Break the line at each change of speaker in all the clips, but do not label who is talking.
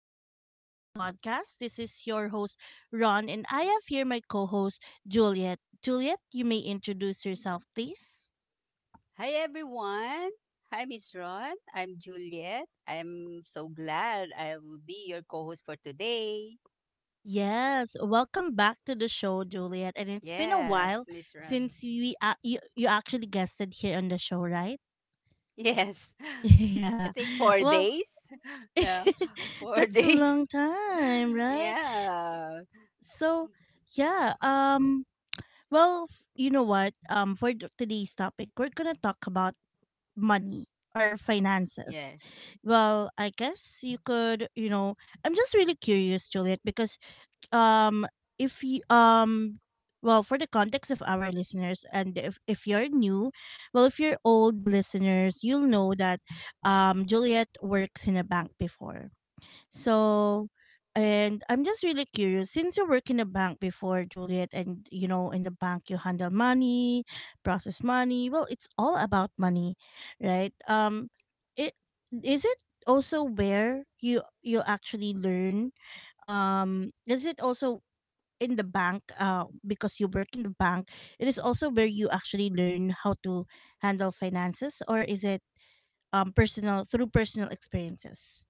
Unfiltered Growth Podcast. This is your host, Ron, and I have here my co host, Juliet. Juliet, you may introduce yourself, please.
Hi everyone. Hi Miss Ron. I'm Juliet. I'm so glad I will be your co-host for today.
Yes, welcome back to the show, Juliet. And it's been a
Yes,
while
Miss Ron.
since we you actually guested here on the show, right?
Yes. I
Yeah.
think 4
Well.
days. Yeah. 4
That's a
days.
long time, right?
yeah.
So, yeah, well, you know what? For today's topic, we're going to talk about money or finances.
Yes.
Well, I guess you could, I'm just really curious, Juliet, because um if you, well, for the context of our listeners, and if you're new, well, if you're old listeners, you'll know that Juliet works in a bank before. So, and I'm just really curious, since you work in a bank before, Juliet, and you know, in the bank you handle money, process money. Well, it's all about money, right? It is it also where you actually learn. Is it also in the bank? Because you work in the bank, it is also where you actually learn how to handle finances, or is it personal through personal experiences?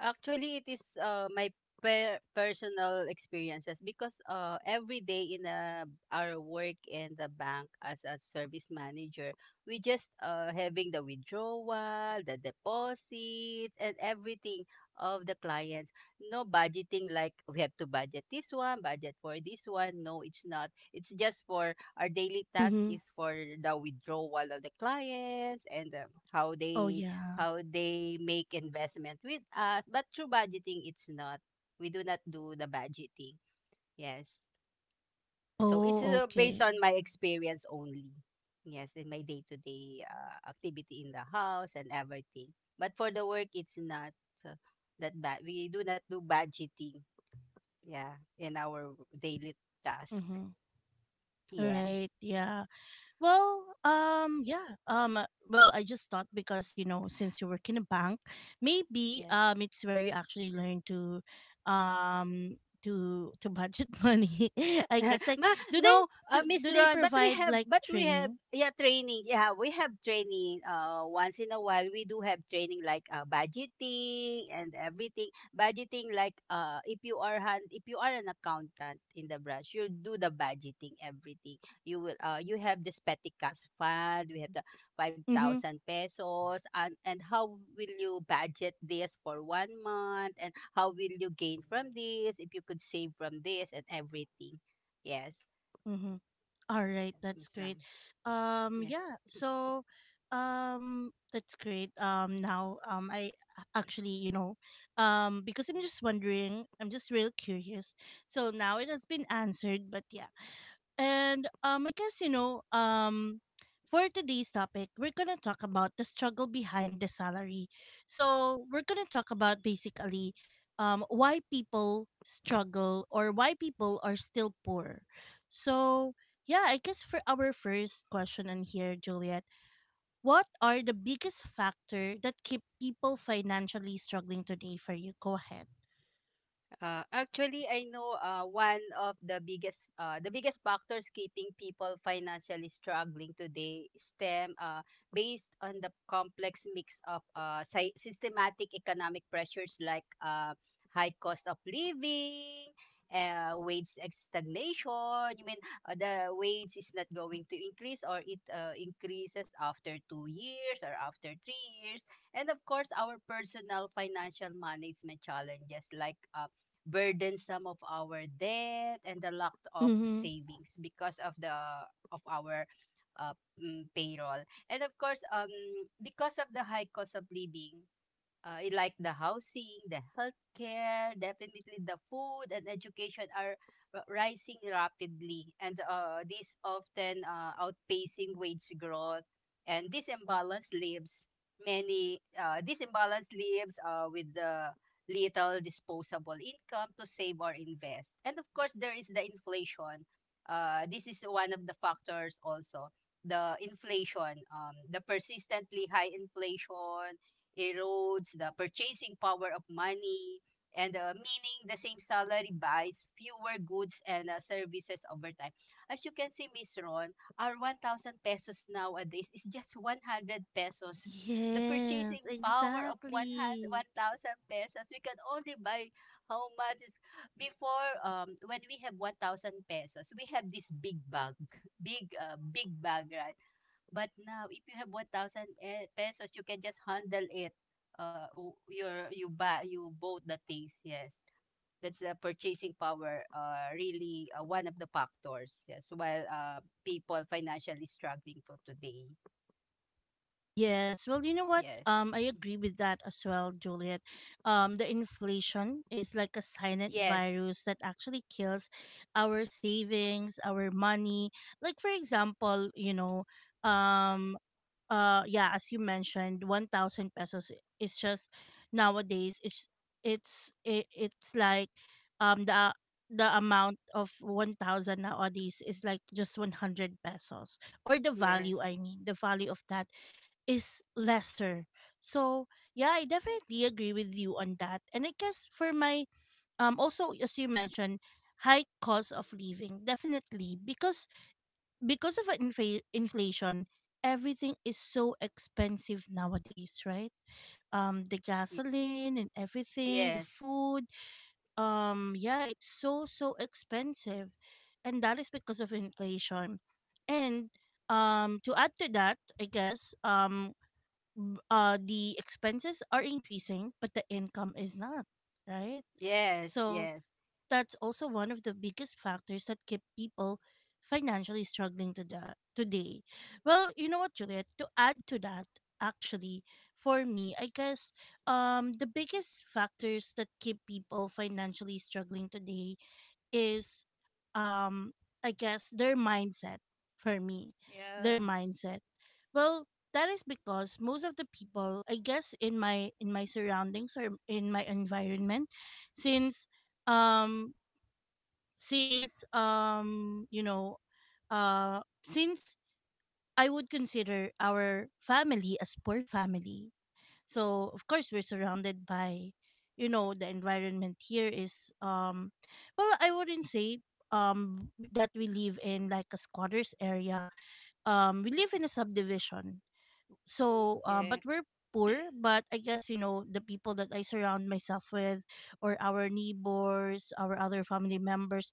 Actually, it is my personal experiences, because every day in our work in the bank as a service manager, we just having the withdrawal, the deposit, and everything of the clients. No budgeting, like we have to budget this one, budget for this one. No, it's not. It's just for our daily task
Mm-hmm.
is for the withdrawal of the clients, and how
Oh
they
yeah.
make investment with us. But through budgeting, it's not. We do not do the budgeting. Yes. So it's
Oh,
based
okay.
on my experience only. Yes, in my day to day activity in the house and everything. But for the work, it's not uh, that bad. We do not do budgeting. Yeah, in our daily task.
Mm-hmm.
Yes.
Right. Yeah. Well, yeah. Well, I just thought because, you know, since you work in a bank, maybe
Yes.
it's where you actually learn to, to budget money. I guess, like, do they
No,
do, do
Miss
they
Ron, but
provide like
we have,
training?
yeah, training. Yeah, we have training. Once in a while, we do have training like budgeting and everything. Budgeting like, if you are an accountant in the branch, you do the budgeting everything. You have the Spetikas fund. We have the five
Mm-hmm.
thousand pesos, and how will you budget this for one month, and how will you gain from this? If you could save from this and everything. Yes,
Mm-hmm. All right,
yes,
that's
Miss Ram.
great.
Yeah.
Yeah, so, that's great. Now, actually, you know, because I'm just wondering, I'm just real curious. So now it has been answered, but yeah, and I guess for today's topic, we're gonna talk about the struggle behind the salary. So we're gonna talk about basically, why people struggle, or why people are still poor. So yeah, I guess for our first question on here, Juliet, what are the biggest factor that keep people financially struggling today for you? Go ahead.
Actually, I know one of the biggest factors keeping people financially struggling today stem based on the complex mix of systematic economic pressures, like high cost of living, wage stagnation. You mean, the wage is not going to increase, or it increases after 2 years or after 3 years, and of course, our personal financial management challenges, like burdensome of our debt and the lack of
Mhm.
savings because of our payroll. And of course, because of the high cost of living, like the housing, the healthcare, definitely the food and education are rising rapidly, and this often outpacing wage growth. And this imbalance leaves with the little disposable income to save or invest. And of course, there is the inflation. This is one of the factors also, the inflation. The persistently high inflation erodes the purchasing power of money, and meaning the same salary buys fewer goods and services over time. As you can see, Miss Ron, our 1,000 pesos nowadays is just 100 pesos. The purchasing
Yes,
power of 100
exactly.
1,000 pesos, we can only buy how much is before. When we have 1,000 pesos, we have this big bag. Big bag, right? But now, if you have 1,000 pesos, you can just handle it. Your you buy You bought the things. Yes, that's the purchasing power, really, one of the factors. Yes, while people financially struggling for today.
Yes. Well, you know what?
Yes,
I agree with that as well, Juliet. The inflation is like a silent
yes,
virus that actually kills our savings, our money. Like, for example, um, yeah, as you mentioned, 1000 pesos is just nowadays. It's like um the the amount of 1000 nowadays is like just 100 pesos, or the
yes,
value, I mean, the value of that, is lesser. So yeah, I definitely agree with you on that. And I guess for my, also as you mentioned, high cost of living, definitely, because inflation, everything is so expensive nowadays, right? The
y-
gasoline and everything, the
yes,
food. Yeah, it's so so expensive, and that is because of inflation. And, to add to that, I guess, the expenses are increasing, but the income is not, right?
yes,
So
yes,
that's also one of the biggest factors that keep people financially struggling today. Well, you know what, Juliet? To add to that, actually, for me, I guess, the biggest factors that keep people financially struggling today is, um, I guess, their mindset. For me, their
yeah,
mindset. Well, that is because most of the people, I guess, in my surroundings, or in my environment, since um since you know uh since I would consider our family as poor family. So of course we're surrounded by. You know, the environment here is, well, I wouldn't say that we live in like a squatters area. We live in a subdivision. So, but
okay.
we're poor. But I guess, you know, the people that I surround myself with, or our neighbors, our other family members,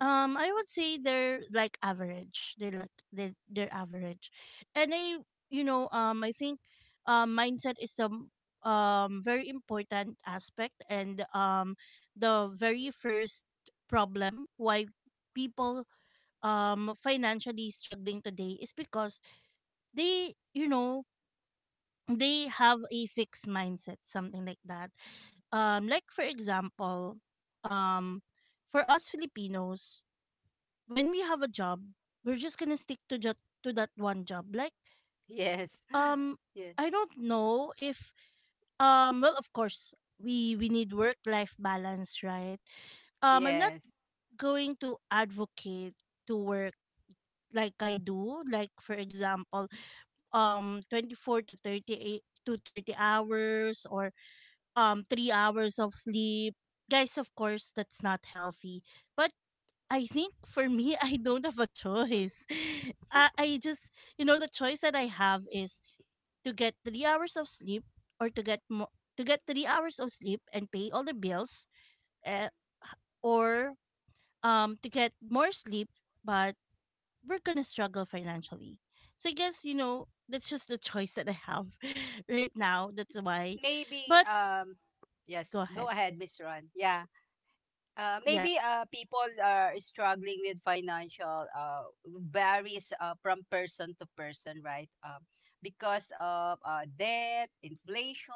I would say they're like average. They, like, they're average. And I, you know, I think, mindset is the very important aspect. And, the very first problem why people, financially struggling today, is because they, you know, they have a fixed mindset, something like that. Like, for example, um for us Filipinos, when we have a job, we're just gonna stick to just to that one job. Like,
Yes.
um,
Yes.
I don't know if, well, of course, we need work life balance, right? I'm not
Yes.
going to advocate to work like I do, like, for example, 24 to 38 to 30 hours, or 3 hours of sleep. Guys, of course that's not healthy. But I think for me, I don't have a
Hmm.
choice. I just, you know, the choice that I have is to get 3 hours of sleep, or to to get 3 hours of sleep and pay all the bills, uh, h- or to get more sleep, but we're gonna struggle financially. So I guess, you know, that's just the choice that I have right now. That's why.
Maybe
But
um
go
yes, go
ahead.
ahead, Miss Ron. Yeah.
Yeah.
Maybe people are struggling with financial varies from person to person, right? Because of debt, inflation,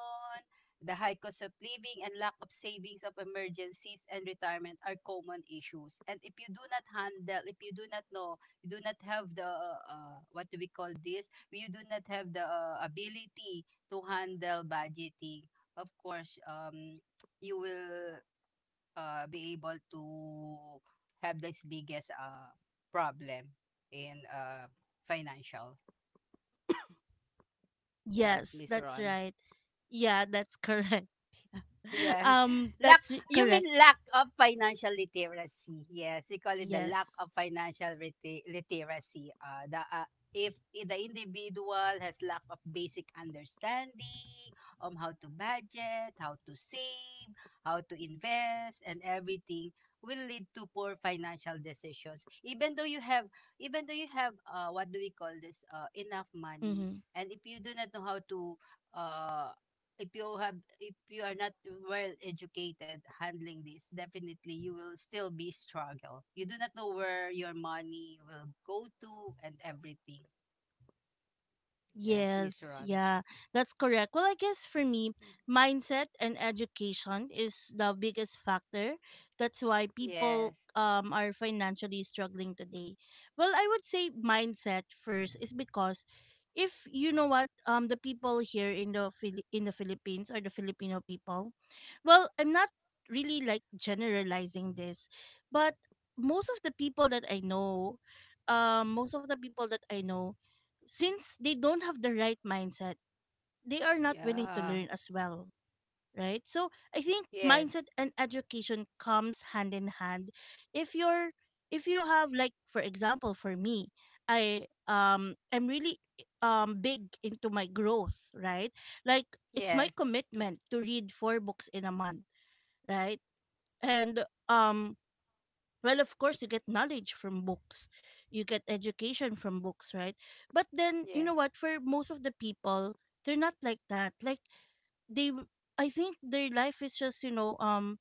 the high cost of living, and lack of savings of emergencies and retirement are common issues. And if you do not handle, if you do not know, you do not have the what do we call this? You do not have the ability to handle budgeting. Of course, you will be able to have this biggest problem in financial. Yes,
Yes,
Miss
that's
Ron.
right. Yeah, that's correct.
Yeah. Lack
That's
You mean
correct.
lack of financial literacy. Yes, we call it the lack
Yes.
of financial literacy. The if I- the individual has lack of basic understanding on how to budget, how to save, how to invest, and everything will lead to poor financial decisions. Even though you have what do we call this, enough money.
Mm-hmm.
And if you do not know how to, uh if you have if you are not well educated handling this, definitely you will still be struggle. You do not know where your money will go to and everything. Yes, Miss
Yes,
Ron.
yeah, that's correct. Well, I guess for me, mindset and education is the biggest factor. That's why people
Yes,
are financially struggling today. Well, I would say mindset first is because, if you know what, the people here in in the Philippines, or the Filipino people. Well, I'm not really like generalizing this, but most of the people that I know, most of the people that I know, since they don't have the right mindset, they are not willing to
yeah,
learn as well, right? So I think
yes,
mindset and education comes hand in hand. If you're if you have, like, for example for me, I'm really, big into my growth, right? Like, it's my
yes,
commitment to read four books in a month, right? And, um well, of course, you get knowledge from books, you get education from books, right? But then, you know
yes,
what? For most of the people, they're not like that. Like, they, w- I think their life is just, you know, um,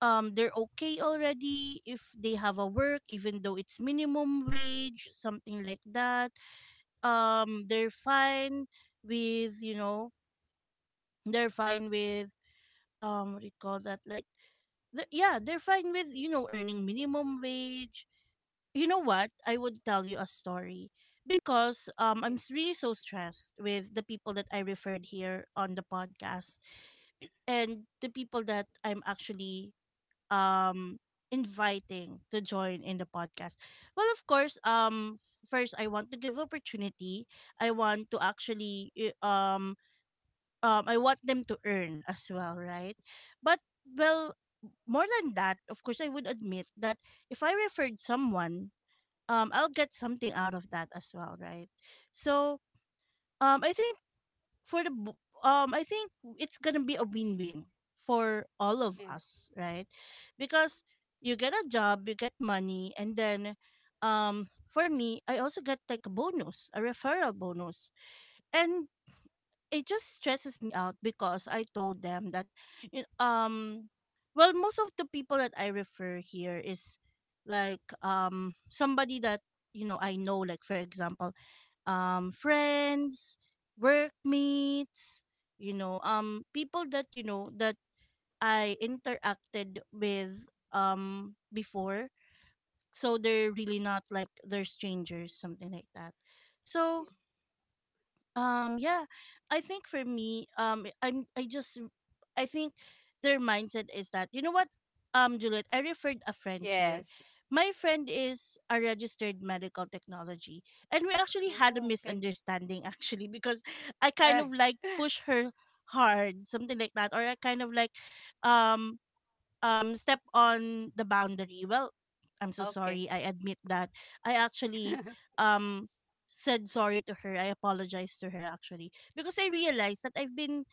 um, they're okay already if they have a work, even though it's minimum wage, something like that. They're fine with. You they're fine with, what do you call that? Like, the, yeah, they're fine with, earning minimum wage. You know what? I would tell you a story because,
yes,
really so stressed with the people that I referred here on the podcast, and the people that I'm actually, um inviting to join in the podcast. Well, of course, first I want to give opportunity. I want to actually, I want them to earn as well, right? But, well, more than that, of course, I would admit that if I referred someone, I'll get something out of that as well, right? So, I think for the bo- I think it's going to be a win-win for all of
yes,
us, right? Because you get a job, you get money, and then, for me, I also get like a bonus, a referral bonus. And it just stresses me out because I told them that, y- um well, most of the people that I refer here is like, somebody that, you know, I know. Like, for example, friends, workmates, you know, people that, you know, that I interacted with, before. So they're really not like they're strangers, something like that. So,
yes,
yeah, I think for me, I just, I think their mindset is that, you know what, Juliet, I referred a friend here.
yes.
My friend is a registered medical technology, and we actually had a
Oh, okay.
misunderstanding actually, because I kind
Ah.
of like push her hard, something like that. Or I kind of like, um, step on the boundary. Well, I'm so
Okay.
sorry, I admit that. I actually, um said sorry to her, I apologized to her, actually, because I realized that I've been,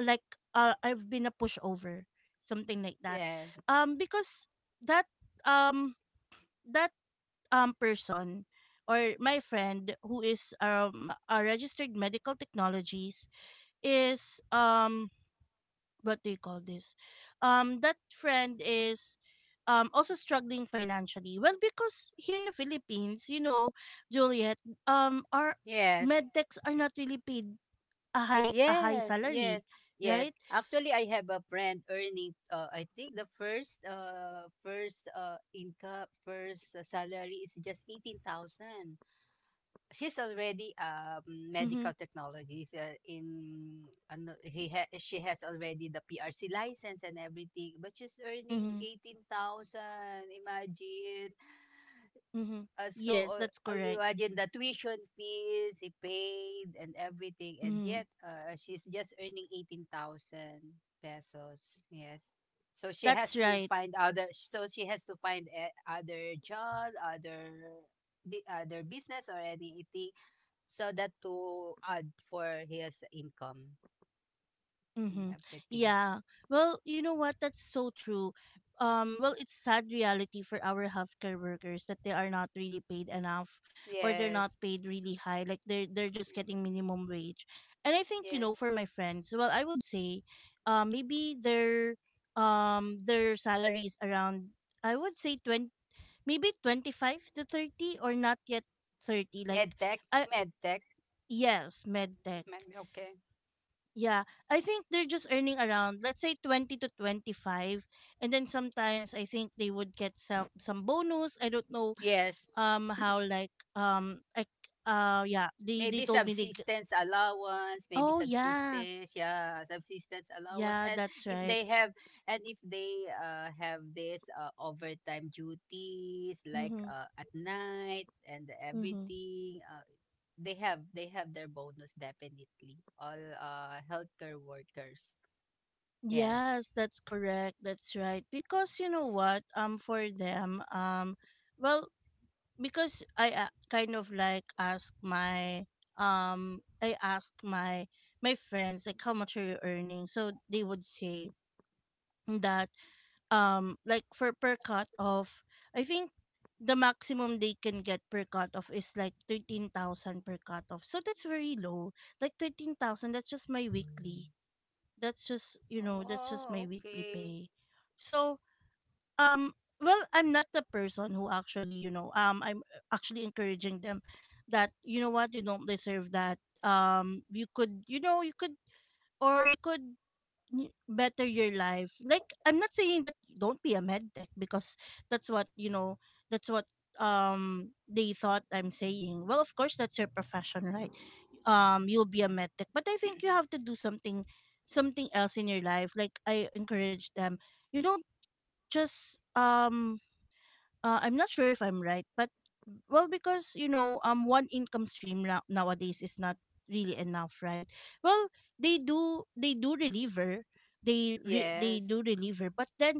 like, I've been a pushover, something like that.
Yes,
Because that, um that person, or my friend who is a registered medical technologist, is, what do you call this? That friend is also struggling financially. Well, because here in the Philippines, you know, Juliet, our
yes.
med techs are not really paid a high
Yes, yes,
salary,
yes.
right?
Actually, I have a friend earning, I think the first, first salary is just 18,000. She's already,
Mm-hmm.
medical technologist, in, ano, he ha she has already the PRC license and everything, but she's earning
Mm-hmm.
18,000. Imagine.
Mm-hmm. Yes, that's correct.
Imagine the tuition fees he paid and everything, and
Mm-hmm.
yet she's just earning 18,000 pesos. Yes, so she has
That's
to
right.
find other. So she has to find other job, other business or anything, so that to add for his income and
Mm-hmm.
everything.
Yeah. Well, you know what? That's so true. Well, it's sad reality for our healthcare workers that they are not really paid enough, or they're not
Yes,
paid really high. Like, they're just
yes,
getting minimum wage. And I think, you
yes.
know, for my friends, well, I would say, maybe their, their salary is around, I would say, 20, maybe 25 to 30, or not yet 30. Like,
Medtech,
I
medtech,
yes, med tech.
med. Okay.
Yeah, I think they're just earning around, let's say, 20 to 25, and then sometimes I think they would get some bonus. I don't know
Yes.
how, yeah, they
Maybe
told me they
subsistence allowance, maybe
oh yeah.
subsistence, yeah, subsistence allowance.
Yeah, that's right.
And if they have this overtime duties, like
Mhm.
at night and
Mhm.
everything, they have their bonus, definitely. All healthcare workers. Yes.
Yes, that's correct. That's right. Because you know what? For them, well because I kind of like ask my I asked my friends like, how much are you earning? So they would say that, like, for per cut off, I think the maximum they can get per cut off is like 13,000 per cut off, so that's very low. Like, 13,000, that's just my weekly, that's just, you know, that's just my
Oh,
weekly
okay.
pay. So, um I'm not the person who actually, you know, I'm actually encouraging them that, you know what, you don't deserve that. You could, you know, you could, or you could better your life. Like, I'm not saying that don't be a med tech, because that's what, you know, that's what they thought I'm saying. Well, of course, that's your profession, right? You'll be a
Yeah.
med tech, but I think you have to do something, something else in your life. Like, I encourage them, you don't just I'm not sure if I'm right, but, well, because, you know, one income stream now, nowadays, is not really enough, right? Well, they do deliver, they
Yes.
do deliver, but then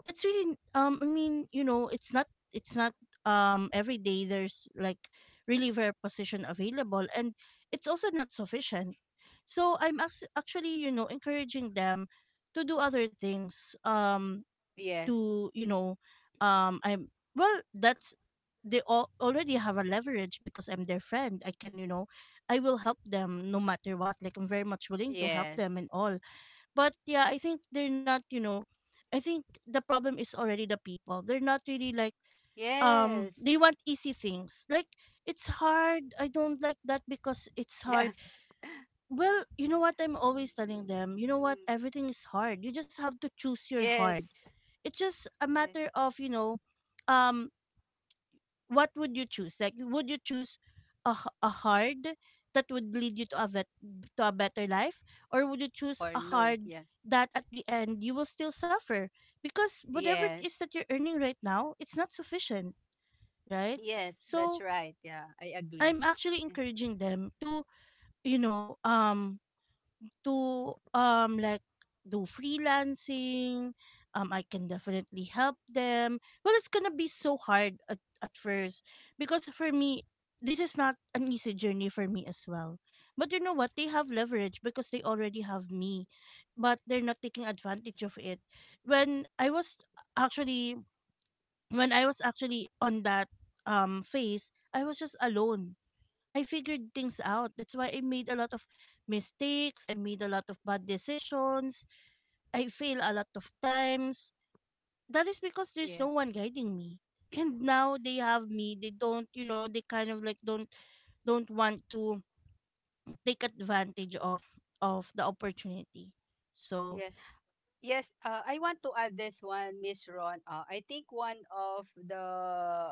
that's really, I mean, you know, it's not, it's not every day there's like reliever position available, and it's also not sufficient. So I'm actually, you know, encouraging them to do other things
Yes.
to, you know, I'm well that's they all already have a leverage because I'm their friend. I can, you know, I will help them no matter what. Like, I'm very much willing to help
Yes.
them and all. But yeah, I think they're not, you know, I think the problem is already the people, they're not really like, they
Yes.
want easy things. Like, it's hard, I don't like that because it's
Yeah.
hard. Well, you know what, I'm always telling them, you know what,
Mm.
everything is hard, you just have to choose your hard.
Yes.
It's just a
Yeah.
matter of, you know, um what would you choose? Like, would you choose a, a hard that would lead you to a to a better life, or would you choose
Or
a
no.
hard
Yeah.
that at the end you will still suffer, because whatever it
Yes.
is that you're earning right now, it's not sufficient, right?
Yes, that's
So
right. Yeah, I agree.
I'm actually
Mm.
encouraging them to, you know, to, like, do freelancing. I can definitely help them. Well, it's gonna be so hard at first, because for me, this is not an easy journey for me as well. But you know what? They have leverage because they already have me, but they're not taking advantage of it. When I was actually, when I was actually on that phase, I was just alone. I figured things out. That's why I made a lot of mistakes. I made a lot of bad decisions. I fail a lot of times. That is because there's
Yeah.
no one guiding me. And now they have me. They don't, you know, they kind of like don't want to take advantage of the opportunity. So,
Yeah. Yes, I want to add this one, Miss Ron. I think one of the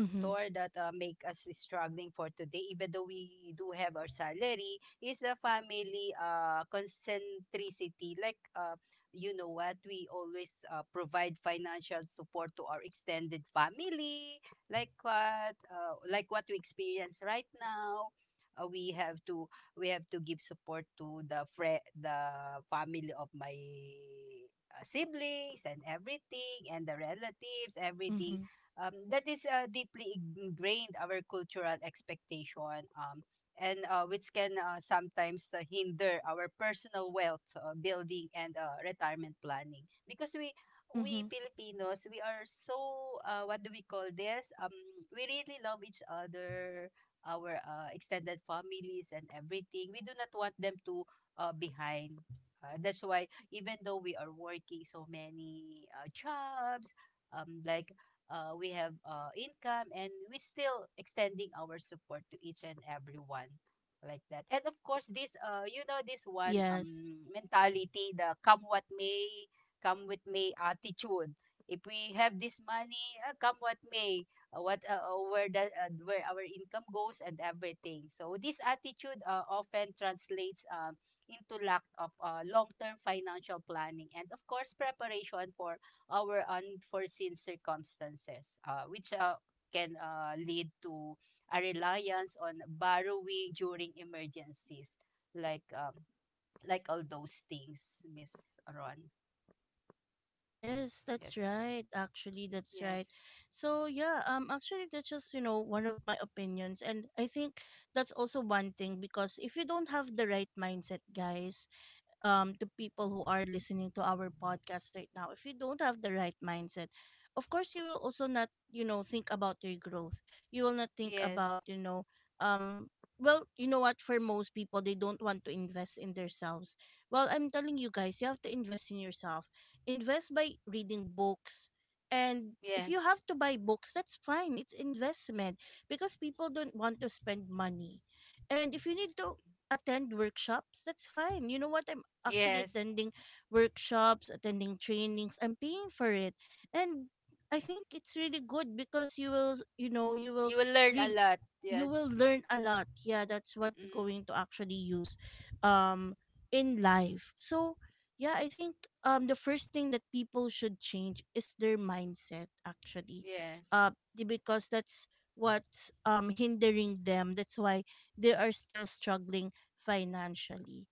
mhm.
that make us struggling for today, even though we do have our salary, is the family concentricity. Like, you know what, we always provide financial support to our extended family, like what, we experience right now. We have to give support to the family of my siblings and everything, and the relatives, everything.
Mhm.
That is deeply ingrained our cultural expectation, and which can sometimes hinder our personal wealth building and retirement planning, because we
Mhm.
Filipinos, we are so what do we call this, we really love each other, our extended families and everything. We do not want them to behind. That's why even though we are working so many jobs, like we have income, and we still extending our support to each and everyone, like that. And of course, this this one,
Yes.
mentality, the come what may, come with may attitude. If we have this money, come what may, what where the where our income goes and everything. So this attitude often translates, into lack of long-term financial planning, and of course, preparation for our unforeseen circumstances, which can lead to a reliance on borrowing during emergencies, like um, like all those things, Miss Ron.
Yes,
Yes,
that's right. Actually, that's
yes,
right. So yeah, actually that's just, you know, one of my opinions, and I think that's also one thing, because if you don't have the right mindset, guys, to people who are listening to our podcast right now, if you don't have the right mindset, of course you will also not, you know, think about your growth. You will not think about,
yes,
you know, um, you know what, for most people, they don't want to invest in themselves. Well, I'm telling you guys, you have to invest in yourself. Invest by reading books. And if
yes,
you have to buy books, that's fine. It's investment, because people don't want to spend money. And if you need to attend workshops, that's fine. You know what? Actually,
yes.
attending workshops, attending trainings, I'm paying for it. And I think it's really good, because you will, you know, you will
You will learn a
read
lot.
you will
Yes.
learn a lot. Yeah, that's what you're
Mm.
going to actually use um in life. So yeah, I think the first thing that people should change is their mindset, actually.
Yes.
Uh because that's what's hindering them. That's why they are still struggling financially.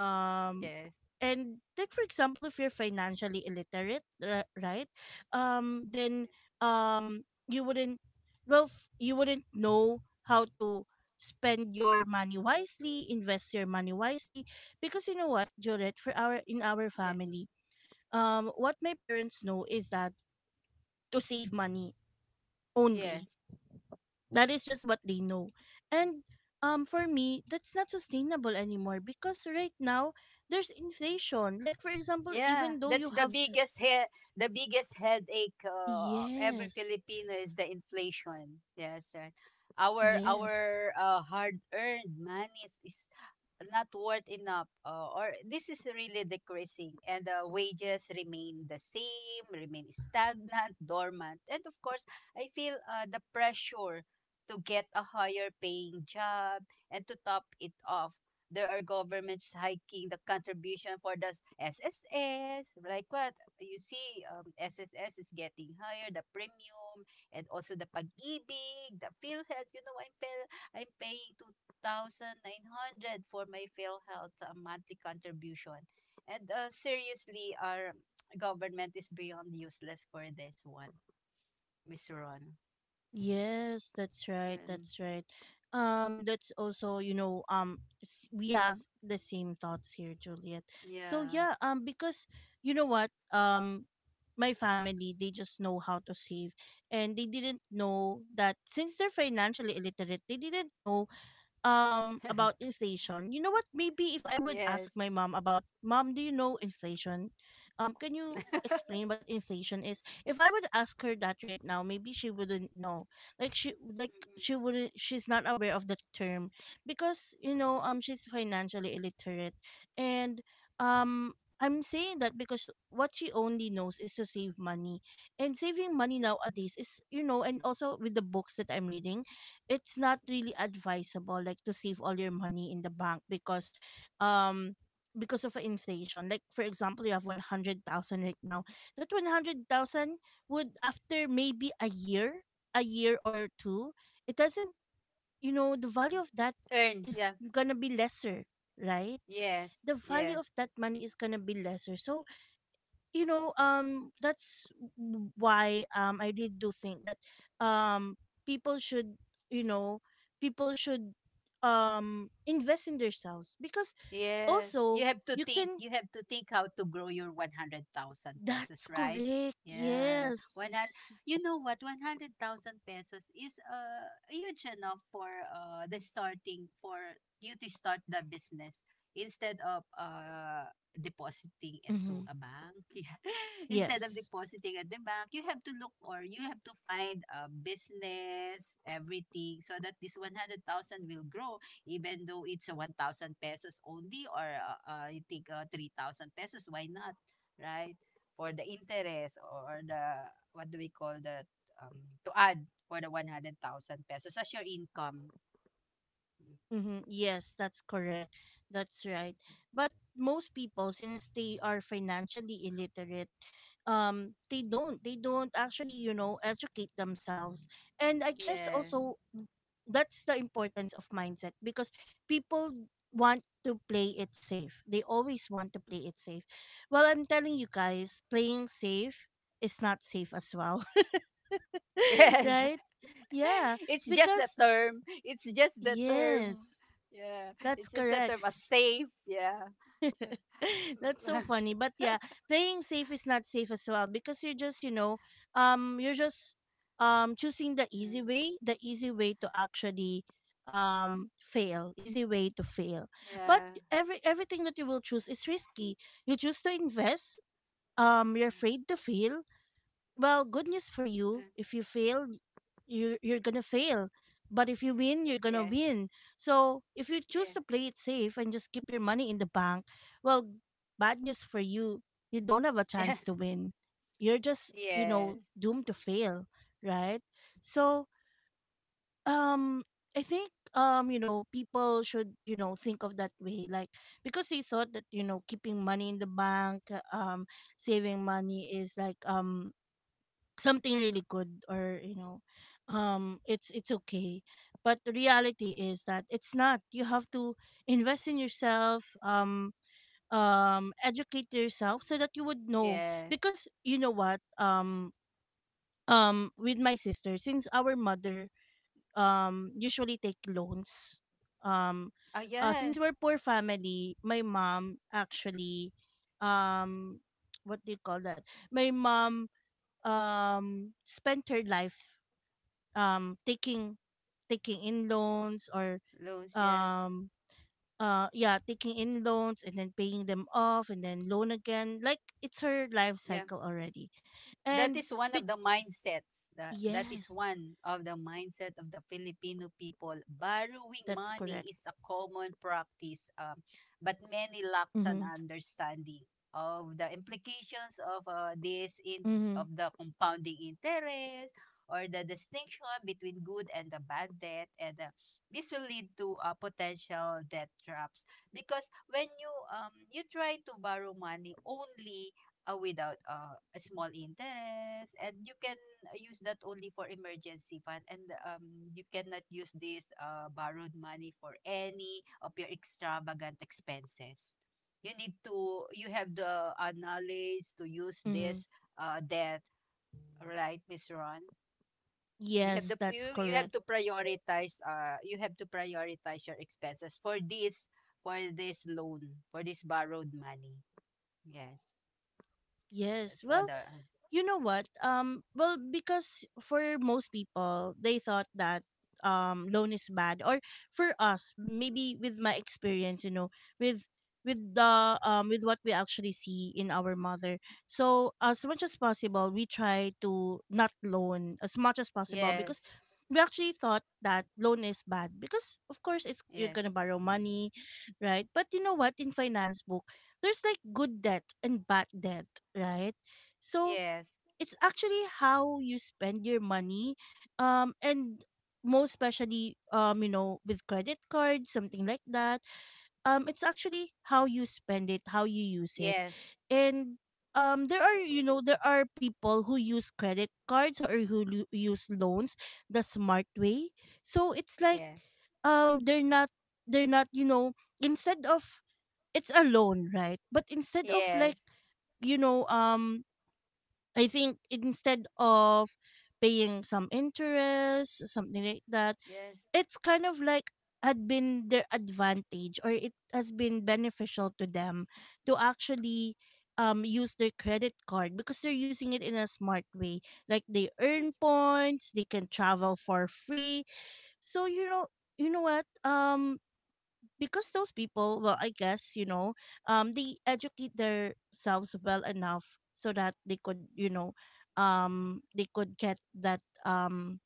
Um
Yes.
and take for example, if you're financially illiterate, right? Then, you wouldn't, you wouldn't know how to spend your money wisely, invest your money wisely. Because you know what, Jorette, for our, in our
Yes.
family, what my parents know is that to save money
Yeah.
only.
Yes.
That is just what they know. And for me, that's not sustainable anymore, because right now there's inflation. Like for example, even
Yeah,
though you
that's the
have,
biggest headache of every
yes.
Filipino is the inflation. Yes, right.
Yes.
Our hard-earned money is not worth enough, or this is really decreasing, and the wages remain the same, remain stagnant, dormant, and of course, I feel the pressure to get a higher paying job. And to top it off, there are governments hiking the contribution for the SSS. Like what? You see, SSS is getting higher, the premium, and also the pag-ibig, the PhilHealth. You know, I'm paying 2,900 for my PhilHealth monthly contribution. And seriously, our government is beyond useless for this one, Miss Ron.
Yes, that's right.
And,
That's right. That's also, you know, we have the same thoughts here, Juliet. So
yeah.
yeah, because, you know what, my family, they just know how to save, and they didn't know that, since they're financially illiterate, they didn't know about inflation. You know what, maybe if I would
Yes.
ask my mom about, mom, do you know inflation, can you explain what inflation is, if I would ask her that right now, maybe she wouldn't know. Like
Mm-mm.
she wouldn't, she's not aware of the term, because, you know,
Mm-mm.
she's financially illiterate. And um I'm saying that because what she only knows is to save money, and saving money nowadays is, you know, and also with the books that I'm reading, it's not really advisable, like, to save all your money in the bank, um because of inflation. Like, for example, you have 100,000 right now, that 100,000 would, after maybe a year, a year or two, it doesn't, you know, the value of that is
Yeah.
going to be lesser, right?
Yes,
The value
yes,
of that money is going to be lesser. So, you know, that's why I did do think that, um people should, you know, people should invest in themselves, because
yes.
also you can,
You have to think how to grow your 100,000
that's
pesos, right?
correct.
Yeah.
Yes.
You know what? 100,000 pesos is huge enough for the starting for you to start the business, instead of depositing it to
Mm-hmm.
a bank. Yeah. Instead of
Yes.
depositing at the bank, you have to look, or you have to find a business, everything, so that this 100,000 will grow, even though it's a 1,000 pesos only, or you think, 3,000 pesos, why not, right? For the interest, or the, what do we call that, um, to add for the 100,000 pesos as your income.
Mm-hmm. Yes, that's correct. That's right. But most people, since they are financially illiterate, they don't. They don't actually, you know, educate themselves. And I guess
Yeah.
also that's the importance of mindset, because people want to play it safe. They always want to play it safe. Well, I'm telling you guys, playing safe is not safe as well.
Yes.
Right? Yeah,
It's just the
because
term. It's just the
yeah,
term. Yeah.
that's
It's just the
correct.
term, a safe. Yeah.
That's so funny. But yeah, playing safe is not safe as well, because you're just, you know, you're just choosing the easy way to actually fail, easy way to fail. But
Yeah.
everything that you will choose is risky. You choose to invest, you're afraid to fail, well, good news for you. If you fail, you're gonna fail. But if you win, you're
Yes.
gonna
Yes.
win. So if you choose
Yeah.
to play it safe and just keep your money in the bank, well, bad news for you. You don't have a chance to win. You're just, you know,
Yes.
doomed to fail, right? So um, I think you know, people should, you know, think of that way, like, because they thought that, you know, keeping money in the bank, saving money is like something really good, or, you know, it's okay. But the reality is that it's not. You have to invest in yourself, educate yourself, so that you would know,
Yes.
because, you know what, with my sister, since our mother usually take loans, um
Oh,
since
yes.
we're poor family, my mom actually um what do you call that, my mom spent her life taking, taking in loans, or
Loans, yes.
um yeah, taking in loans, and then paying them off, and then loan again, like, it's her life
Yeah.
cycle already.
That
And
is one
it-
of the mindsets. That is
yes,
one of the mindset of the Filipino people. Borrowing
that's
money
correct.
is a common practice, but many lack an
Mm-hmm.
understanding of the implications of this in
Mm-hmm.
of the compounding interest, or the distinction between good and the bad debt. And this will lead to potential debt traps, because when you you try to borrow money only, without a small interest, and you can use that only for emergency fund, and um, you cannot use this borrowed money for any of your extravagant expenses. You have the knowledge to use
Mm-hmm.
this debt, right, Miss Ron?
Yes, that's
You have
correct.
to prioritize, your expenses for this, for this loan, for this borrowed money. Yes. That's
Yes,
for
well,
the,
you know what? Because for most people, they thought that loan is bad, or for us, maybe with my experience, you know, with with the with what we actually see in our mother. So as much as possible, we try to not loan as much as possible,
yeah.
because
Yes.
we actually thought that loan is bad, because of course it's, you're
Yes.
gonna borrow money, right? But you know what, in finance book, there's like good debt and bad debt, right? So
Yes.
it's actually how you spend your money and most especially you know, with credit cards, something like that, it's actually how you spend it, how you use it.
Yes.
And there are, you know, there are people who use credit cards or who use loans the smart way. So it's like,
Yes. Yes.
um they're not they're not, you know, instead of, it's a loan, right, but instead of, like,
Yes.
you know, I think, instead of paying some interest, something like that,
Yes.
it's kind of like had been their advantage, or it has been beneficial to them to actually use their credit card, because they're using it in a smart way. Like, they
Yes.
earn points, they can travel for free. So you know, you know what? Because those people, well, I guess, you know, they educate themselves well enough so that they could, you know, they could get that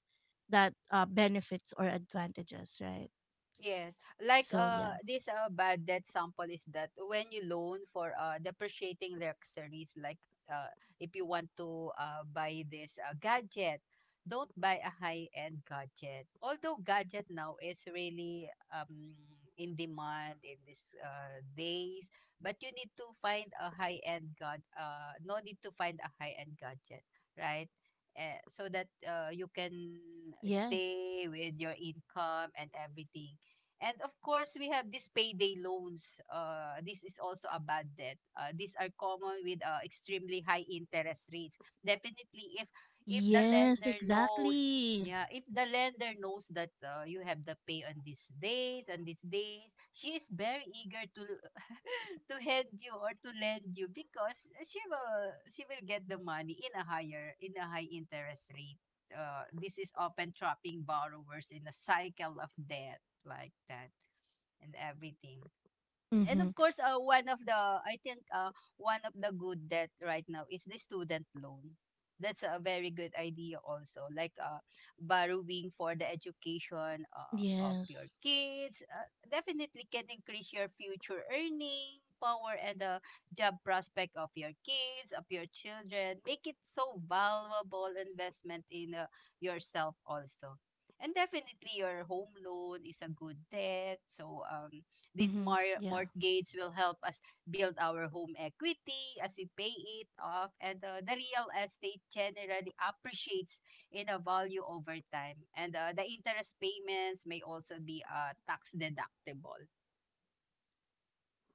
that benefits or advantages, right?
Yes. Like,
So yeah,
this bad debt sample is that when you loan for depreciating luxuries, like uh if you want to buy this gadget, don't buy a high-end gadget. Although gadget now is really in demand in these days, but you need to find a high-end god no need to find a high-end gadget, right? So that you can
yes,
stay with your income and everything. And of course, we have these payday loans. This is also a bad debt. These are common with extremely high interest rates. Definitely, if the
yes,
lender knows,
exactly.
yeah, if the lender knows that you have the pay on these days and these days, she is very eager to to hand you, or to lend you, because she will get the money in a high interest rate. This is often trapping borrowers in a cycle of debt, like that and everything. And
Mm-hmm.
of course, one of the good that right now is the student loan. That's a very good idea also, like borrowing for the education of your
Yes.
kids. Definitely can increase your future earning power and the job prospect of of your children. Make it so
Mm-hmm. Yeah.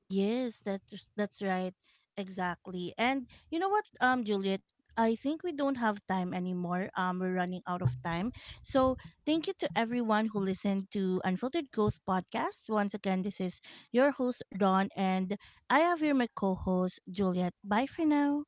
Yes, that's right. Exactly. And you know what, Juliet, I think we don't have time anymore. We're running out of time. So thank you to everyone who listened to Unfiltered Growth Podcast. Once again, this is your host, Ron, and I have here my co-host, Juliet. Bye for now.